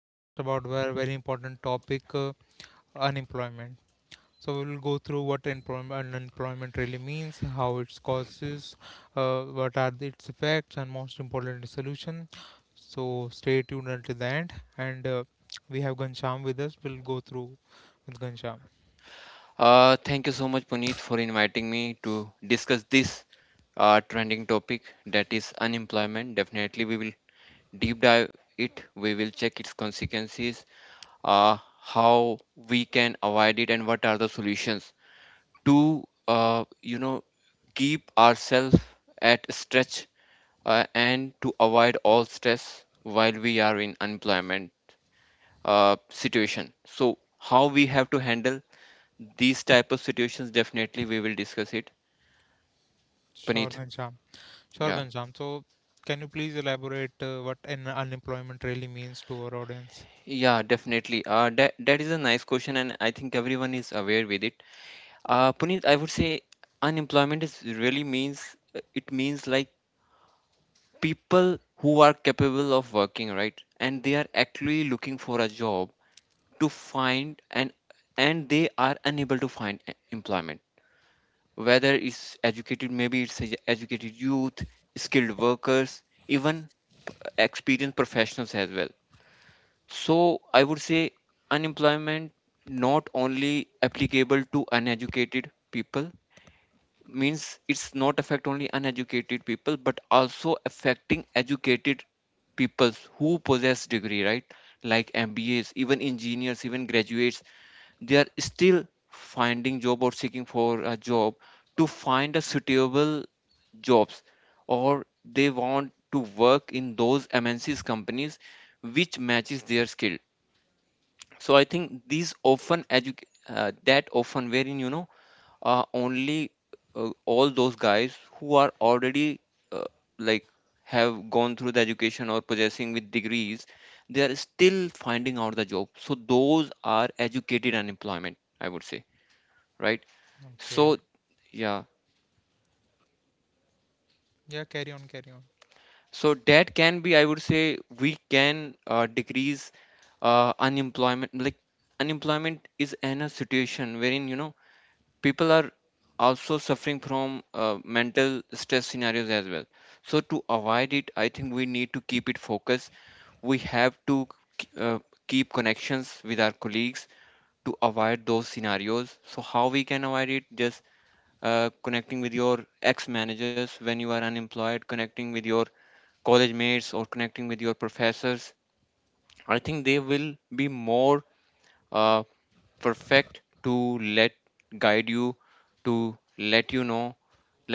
discuss about very important topic, unemployment. So we will go through what employment unemployment really means, how its causes, what are the, its effects, and most important the solution. So stay tuned until the end, and we have Gansham with us. We'll go through with Gansham. Thank you so much, Puneet, for inviting me to discuss this trending topic, that is unemployment. Definitely, we will deep dive it. We will check its consequences, how we can avoid it, and what are the solutions to, keep ourselves at stretch and to avoid all stress while we are in unemployment situation. So, how we have to handle these type of situations? Definitely, we will discuss it, Sure, Puneet. Gansham. Sure, Yeah. Ghanshyam. So, can you please elaborate what an unemployment really means to our audience? Yeah, definitely. That is a nice question, and I think everyone is aware with it. Puneet, I would say unemployment is really means, it means like people who are capable of working, right? And they are actually looking for a job to find, and they are unable to find employment. Whether it's educated, maybe it's educated youth, skilled workers, even p- experienced professionals as well. So I would say unemployment not only applicable to uneducated people, means it's not affect only uneducated people but also affecting educated peoples who possess degree, right? Like MBAs, even engineers, even graduates, they are still finding job or seeking for a job, to find a suitable jobs, or they want to work in those MNCs companies which matches their skill. So I think these often that often, wherein only, all those guys who are already, uh, like, have gone through the education or possessing with degrees, they are still finding out the job. So those are educated unemployment, I would say. Right. So Okay. yeah. Yeah, carry on, carry on. So that can be, I would say we can decrease unemployment. Like, unemployment is in a situation, wherein people are also suffering from mental stress scenarios as well. So to avoid it, I think we need to keep it focused. We have to k- uh, keep connections with our colleagues to avoid those scenarios. So how we can avoid it? Just connecting with your ex managers when you are unemployed, connecting with your college mates, or connecting with your professors. I think they will be more uh, perfect to let guide you, to let you know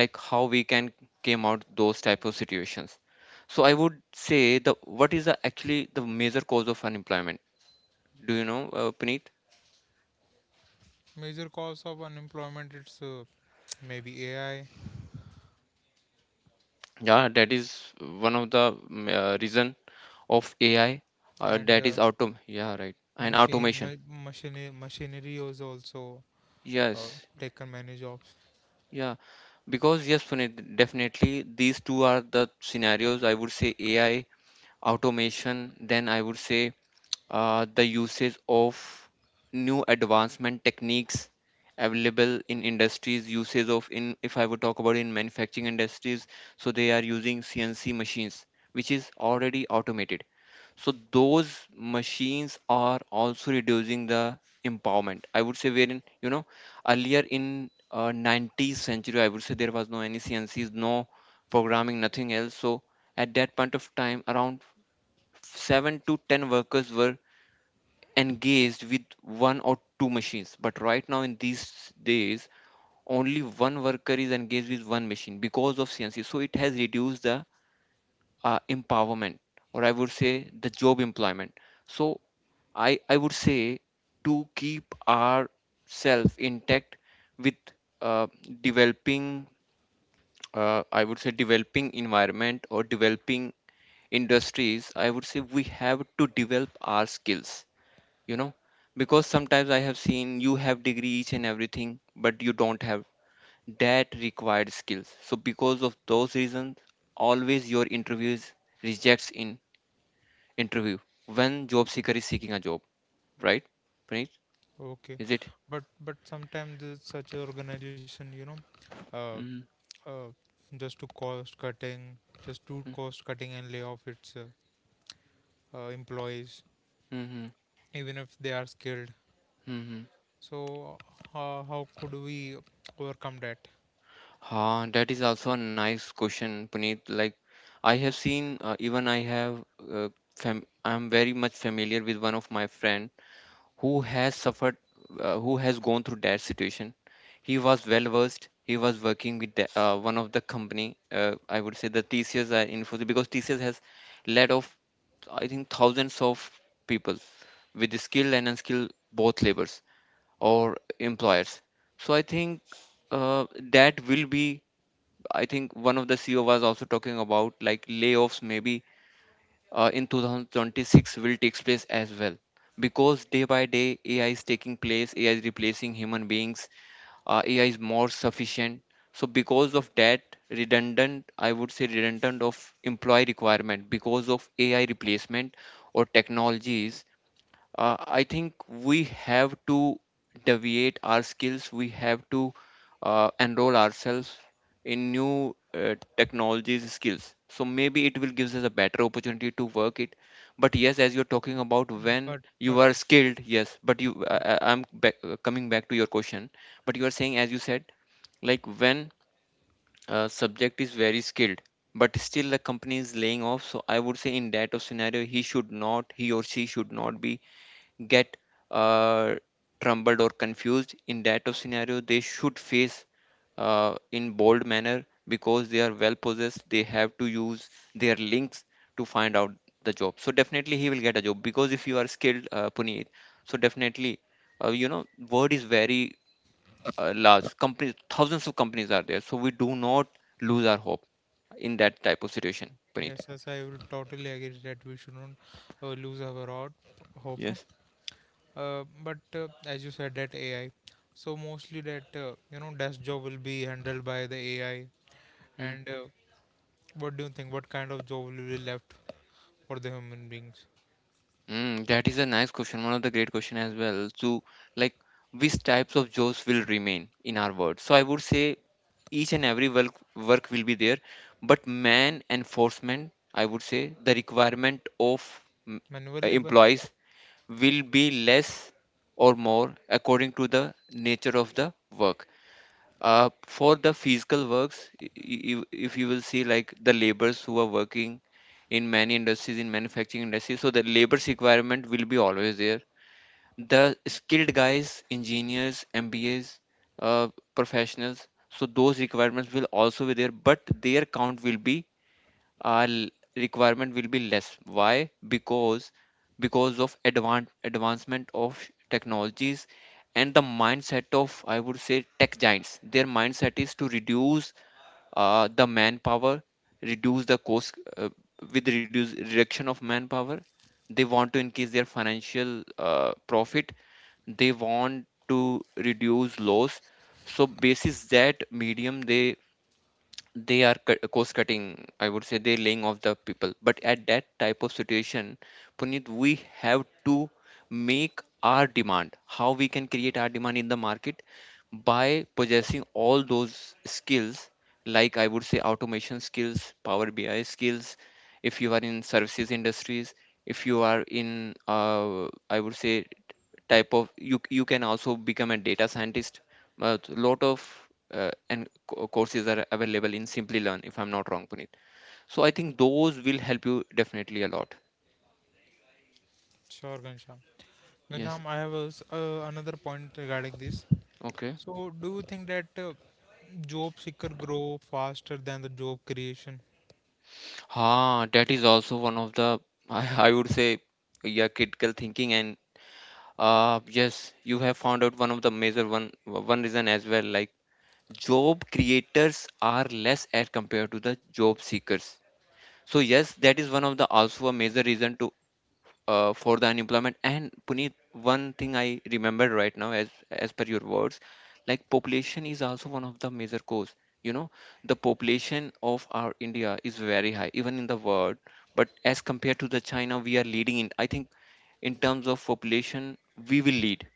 like how we can came out those type of situations. So I would say the, what is the, actually, the major cause of unemployment? Do you know, Puneet? Major cause of unemployment it's maybe AI Yeah, that is one of the reason, of ai, and that is auto, yeah, right, and machine automation. Machinery is also uh, Yes. taken many jobs. Yeah. Because yes, Puneet, definitely these two are the scenarios, I would say, ai, automation. Then I would say the usage of new advancement techniques available in industries, usage of in, if I would talk about, in manufacturing industries, so they are using cnc machines which is already automated. So those machines are also reducing the empowerment, I would say. Wherein, earlier in 90th century, I would say, there was no any cncs, no programming, nothing else. So at that point of time, around 7 to 10 workers were engaged with one or two machines, but right now in these days only one worker is engaged with one machine because of cnc. So it has reduced the empowerment, or I would say the job employment. So I would say, to keep ourself intact with uh, developing, I would say developing environment, or developing industries, I would say we have to develop our skills, you know because sometimes I have seen you have degrees and everything but you don't have that required skills. So because of those reasons, always your interviews rejects in interview when job seeker is seeking a job. Right, right. Okay, Is it? But sometimes this such organization, you know, Mm-hmm. uh, uh, just to cost cutting, just do cost cutting and lay off its employees, Mm-hmm. even if they are skilled. Mm-hmm. So how could we overcome that? Ah, that is also a nice question, Puneet. Like, I have seen, even I have, uh, fam I'm very much familiar with one of my friend who has suffered, who has gone through that situation. He was well versed. He was working with the, one of the company. I would say, the TCS or Infosys, because TCS has let off, I think, thousands of people, with the skilled and unskilled, both labors or employers. So I think uh, that will be. I think one of the CEO was also talking about, like, layoffs maybe in 2026 will takes place as well, because day by day ai is taking place, ai is replacing human beings. Ai is more sufficient. So because of that, redundant, I would say, redundant of employee requirement because of ai replacement or technologies, I think we have to deviate our skills. We have to enroll ourselves in new technologies skills. So maybe it will gives us a better opportunity to work it. But yes, as you're talking about Mm, when But but you are skilled, yes. But you, yeah, I'm back, coming back to your question. But you are saying, as you said, like when a subject is very skilled but still the company is laying off. So I would say, in that of scenario, he should not, he or she should not be get uh, trembled or confused in that of scenario. They should face in bold manner, because they are well possessed. They have to use their links to find out the job. So definitely he will get a job, because if you are skilled, Puneet, so definitely, uh, you know word is very large, companies, thousands of companies are there, so we do not lose our hope in that type of situation, Puneet. yes, yes, I will totally agree that we shouldn't lose our out hope. Yes. But as you said, that AI. So mostly that you know desk job will be handled by the AI. And what do you think? What kind of job will be left for the human beings? Mm, that is a nice question. One of the great question as well. So, like, which types of jobs will remain in our world? So, I would say each and every work will be there, but man enforcement, I would say the requirement of mm, Manual labor? employees will be less or more according to the nature of the work. For the physical works, if you will see like the laborers who are working in many industries, in manufacturing industry, so the labor's requirement will be always there. The skilled guys, engineers, MBAs, uh, professionals, so those requirements will also be there, but their count will be, our requirement will be less. Why? Because of advancement of technologies, and the mindset of, I would say, tech giants. Their mindset is to reduce the manpower, reduce the cost, with reduce reduction of manpower. They want to increase their financial profit. They want to reduce loss. So basis that medium, they are cost cutting, I would say. They're laying off the people. But at that type of situation, Puneet, we have to make our demand, how we can create our demand in the market, by possessing all those skills, like, I would say, automation skills, power bi skills. If you are in services industries, if you are in I would say, type of, you can also become a data scientist. A lot of courses are available in Simply Learn, if I'm not wrong, Puneet. So I think those will help you, definitely, a lot. Sure, Gansham. Yes. Gansham, I have a s another point regarding this. Okay. So, do you think that job seeker grow faster than the job creation? Ah, that is also one of the I would say, yeah, critical thinking, and yes, you have found out one of the major, one reason as well, like job creators are less as compared to the job seekers. So yes, that is one of the, also a major reason to, for the unemployment. And Puneet, one thing I remember right now, as per your words, like population is also one of the major cause. You know, the population of our India is very high, even in the world. But as compared to the China, we are leading in. I think, in terms of population, we will lead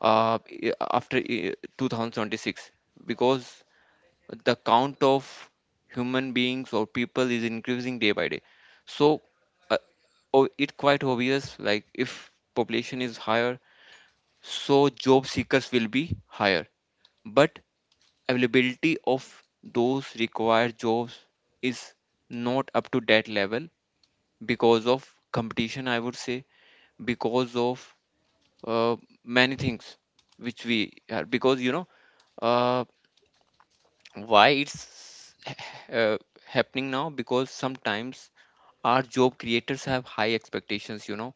after 2026, because the count of human beings or people is increasing day by day. So uh, oh, it's quite obvious, like if population is higher, so job seekers will be higher, but availability of those required jobs is not up to that level, because of competition, I would say, because of uh, many things which we are, because, uh, why it's uh, happening now. Because sometimes our job creators have high expectations,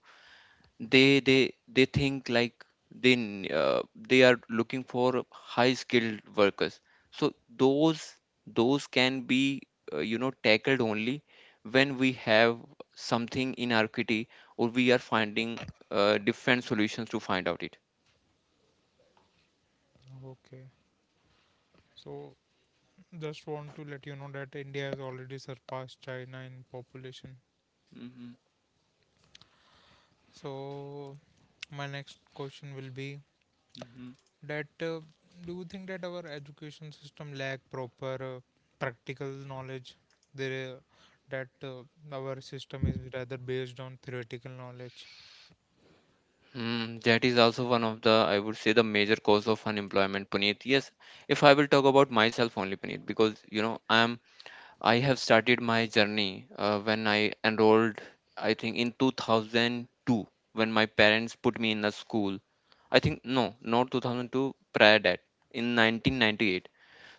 they think like, they n- uh, they are looking for high skilled workers, so those can be tackled only when we have something in our kitty, or we are finding different solutions to find out it. Okay. So, just want to let you know that India has already surpassed China in population. Hmm. So, my next question will be that do you think that our education system lack proper practical knowledge? There, that our system is rather based on theoretical knowledge. Mm, that is also one of the, I would say, the major cause of unemployment, Puneet. Yes, if I will talk about myself only, Puneet, because you know, I am, I have started my journey when I enrolled, I think in 2002, when my parents put me in a school. I think no, not 2002, prior that, in 1998.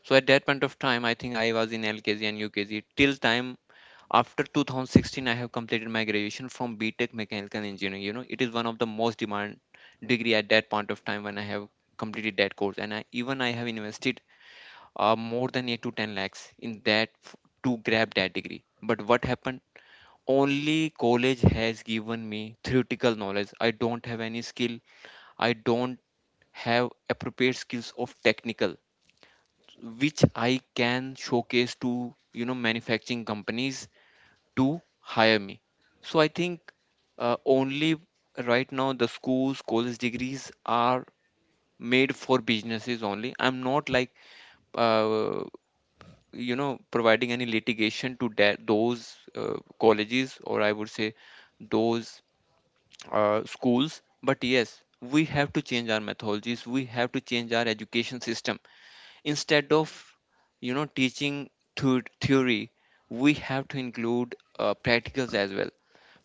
So at that point of time, I think I was in LKG and UKG. Till time after 2016, I have completed my graduation from BTech mechanical engineering. You know, it is one of the most demand degree at that point of time when I have completed that course. And even I have invested more than 8 to 10 lakhs in that to grab that degree. But what happened, only college has given me theoretical knowledge. I don't have any skill. I don't have appropriate skills of technical which I can showcase to, you know, manufacturing companies to hire me. So I think, only right now, the schools, college degrees are made for businesses only. I'm not like, uh, you know, providing any litigation to that those colleges, or I would say those schools. But yes, we have to change our methodologies. We have to change our education system, instead of, you know, teaching through theory, we have to include practicals as well.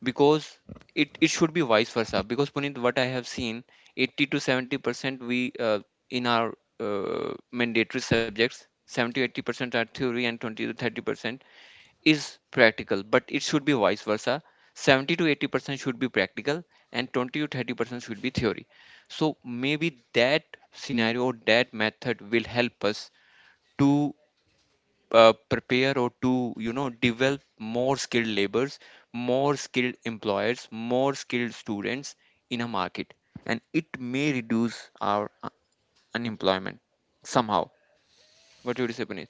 Because it should be vice versa. Because, Puneet, what I have seen, 80 to 70% we in our mandatory subjects, 70-80% are theory and 20 to 30% is practical. But it should be vice versa. 70 to 80% should be practical and 20 to 30% should be theory. So maybe that scenario, that method, will help us to prepare, or to, you know, develop more skilled laborers, more skilled employers, more skilled students in a market. And it may reduce our unemployment somehow. What do you say, Puneet?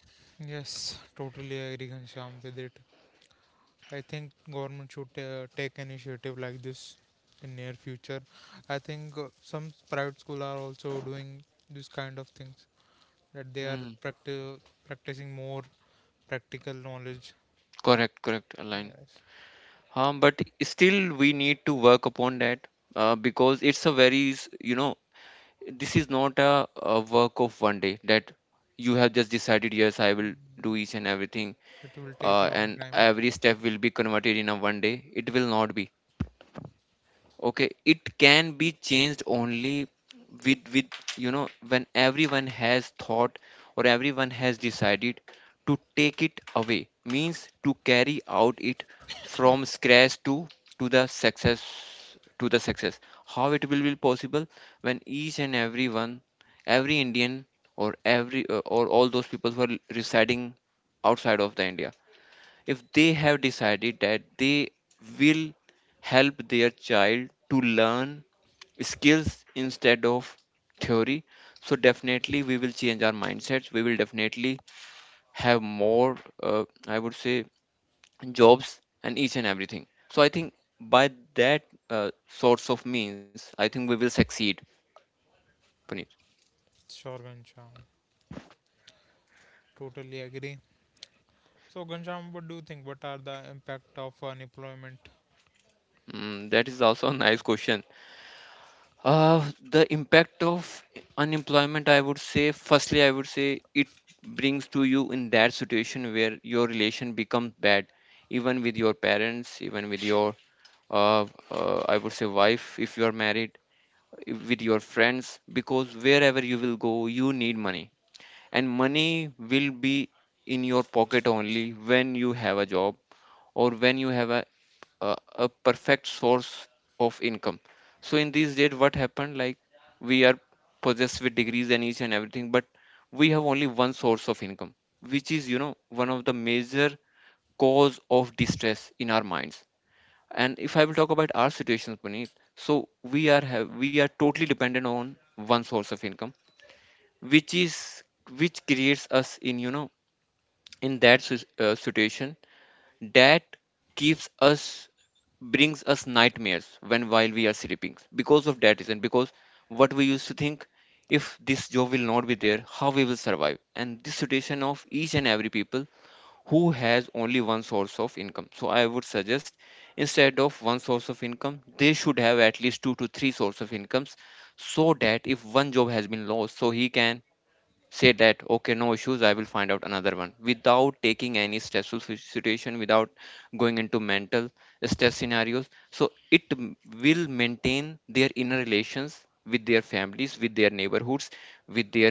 Yes, totally agree, Ghanshyam, with it. I think government should take initiative like this in near future. I think some private school are also doing this kind of things that they are Hmm. practi- practicing more practical knowledge. Correct, correct, Align. Yes, But still, we need to work upon that, because it's a very, you know, this is not a work of one day that you have just decided, yes, I will do each and everything. it will take long And time. every step will be converted in a one day, it will not be okay. It can be changed only with, you know, when everyone has thought, or everyone has decided to take it away, means to carry out it from scratch to the success. How it will be possible? When each and everyone, every Indian, or every or all those people who are residing outside of the India, if they have decided that they will help their child to learn skills instead of theory, so definitely we will change our mindsets. We will definitely have more, I would say, jobs and each and everything. So I think by that sorts of means, I think we will succeed, Puneet. Sure, Gansham. Totally agree. So, Gansham, what do you think? What are the impact of unemployment, That is also a nice question. The impact of unemployment, I would say, firstly, I would say it brings to you in that situation where your relation becomes bad, even with your parents, even with your, I would say, wife, if you are married, with your friends, because wherever you will go, you need money. And money will be in your pocket only when you have a job, or when you have a perfect source of income. So in these days, what happened, like, we are possessed with degrees and each and everything, but we have only one source of income, which is, you know, one of the major cause of distress in our minds. And if I will talk about our situations, Puneet, so we are totally dependent on one source of income, which is which creates us in, you know, in that situation, that keeps us brings us nightmares when while we are sleeping, because of that reason. Because what we used to think, if this job will not be there, how we will survive. And this situation of each and every people who has only one source of income. So I would suggest instead of one source of income, they should have at least two to three source of incomes. So that if one job has been lost, so he can say that, okay, no issues, I will find out another one without taking any stressful situation, without going into mental stress scenarios. So it will maintain their inner relations with their families, with their neighborhoods, with their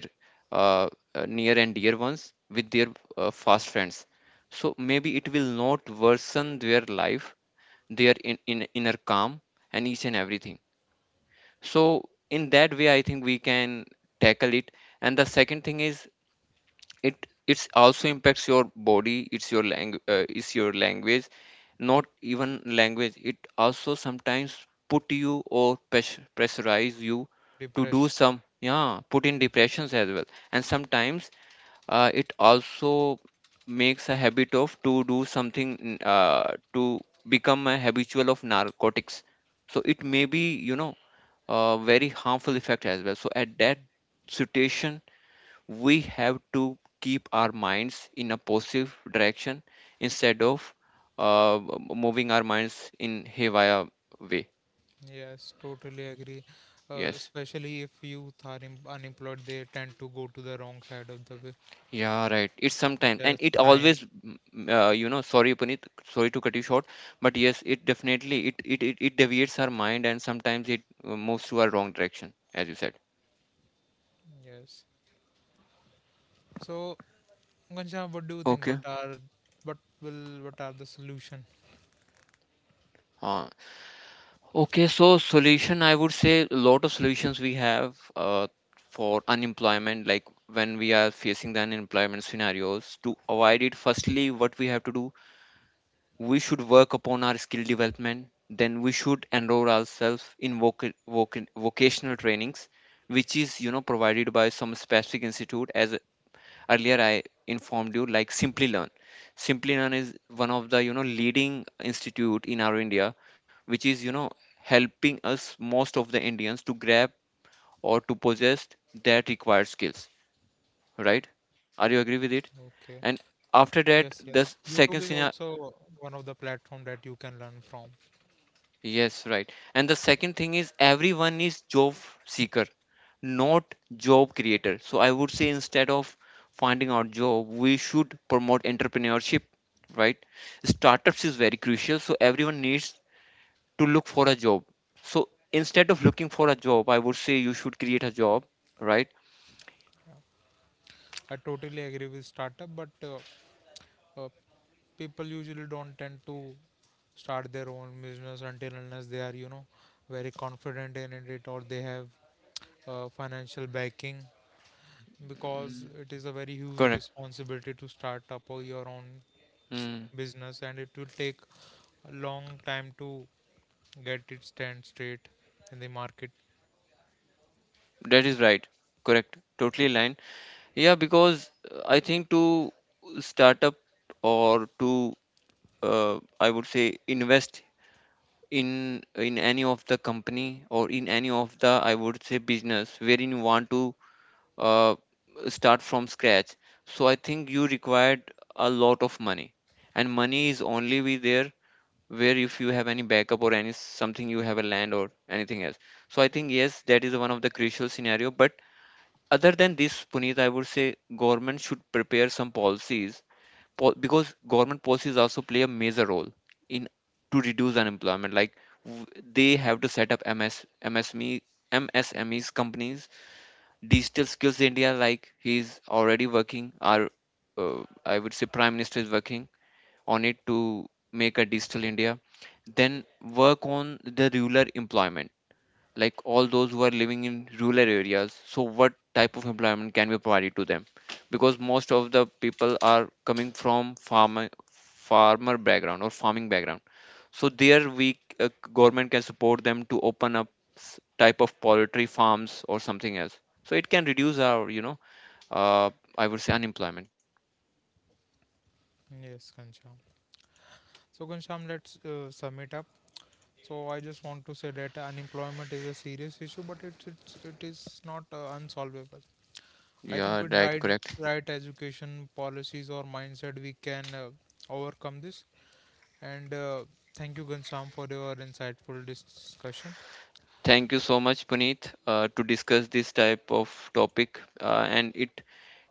uh, near and dear ones, with their fast friends. So maybe it will not worsen their life, their inner calm and each and everything. So in that way I think we can tackle it. And the second thing is, it's also impacts your body. It's your language, not even language, it also sometimes put you, or pressurize you to do depression? some, yeah, put in depressions as well. And sometimes it also makes a habit of to do something, to become a habitual of narcotics. So it may be, you know, a very harmful effect as well. So at that situation, we have to keep our minds in a positive direction, instead of uh, moving our minds in haywire way. Yes, totally agree. Yes, Especially if youth are unemployed, they tend to go to the wrong side of the way. yeah, right. It's Such sometimes and as it crime. always, you know, sorry, Puneet, sorry to cut you short. But yes, it definitely, it deviates our mind. And sometimes it moves to a wrong direction, as you said. Yes. So, Ghanshyam, what do you think? Okay. What will what are the solution? Uh, Okay, so solution, I would say a lot of solutions we have for unemployment, like when we are facing the unemployment scenarios. To avoid it, firstly, what we have to do, we should work upon our skill development. Then we should enroll ourselves in vocational trainings, which is, you know, provided by some specific institute. As earlier I informed you, like Simply Learn is one of the, you know, leading institute in our India, which is, you know, helping us most of the Indians to grab, or to possess, that required skills. Right? Are you agree with Okay. it? And Yes, after yes. that, the YouTube is second scenario. also one of the platform that you can learn from. Yes, right. And the second thing is, everyone is job seeker, not job creator. So I would say instead of finding out job, we should promote entrepreneurship. Right? Startups is very crucial. So everyone needs to look for a job. So instead of looking for a job, I would say you should create a job. Right? I totally agree with startup, but uh, people usually don't tend to start their own business until unless they are you know very confident in it or they have financial backing because Mm, it is a very huge correct. responsibility to start up or your own Mm, business and it will take a long time to get it stand straight in the market. that is right. Correct. Totally aligned. Yeah, because I think to start up, or to I would say invest in any of the company, or in any of the, I would say, business wherein you want to uh, start from scratch. So I think you required a lot of money. And money is only be there where if you have any backup or any something, you have a land or anything else. So I think yes, that is one of the crucial scenario. But other than this, Puneet, I would say government should prepare some policies, because government policies also play a major role in to reduce unemployment. Like w- they have to set up ms msme MSMEs companies, digital skills India. Like he's already working, our uh, I would say prime minister is working on it to make a digital India. Then work on the rural employment. Like all those who are living in rural areas, so what type of employment can be provided to them, because most of the people are coming from farmer background, or farming background. So there we, government can support them to open up type of poultry farms or something else. So it can reduce our, you know, uh, I would say unemployment. Yes, Ghanshyam. So, Ghanshyam, let's sum it up. So, I just want to say that unemployment is a serious issue, but it is not unsolvable. I Yeah, think with right, right correct. right education policies or mindset, we can overcome this. And thank you, Ghanshyam, for your insightful discussion. Thank you so much, Puneet, to discuss this type of topic, and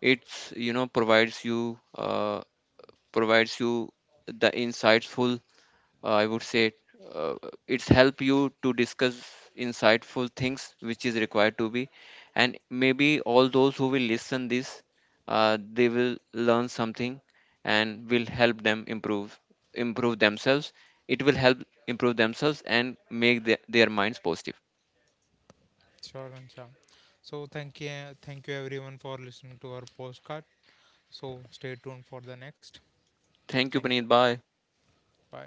it's, you know, provides you provides you the insightful. I would say uh, it's help you to discuss insightful things which is required to be. And maybe all those who will listen this, they will learn something and will help them improve themselves. It will help improve themselves, and make their minds positive. Sure, Ghanshyam. So thank you everyone for listening to our postcard. So stay tuned for the next. Thank you, Thank you. Puneet. Bye. Bye.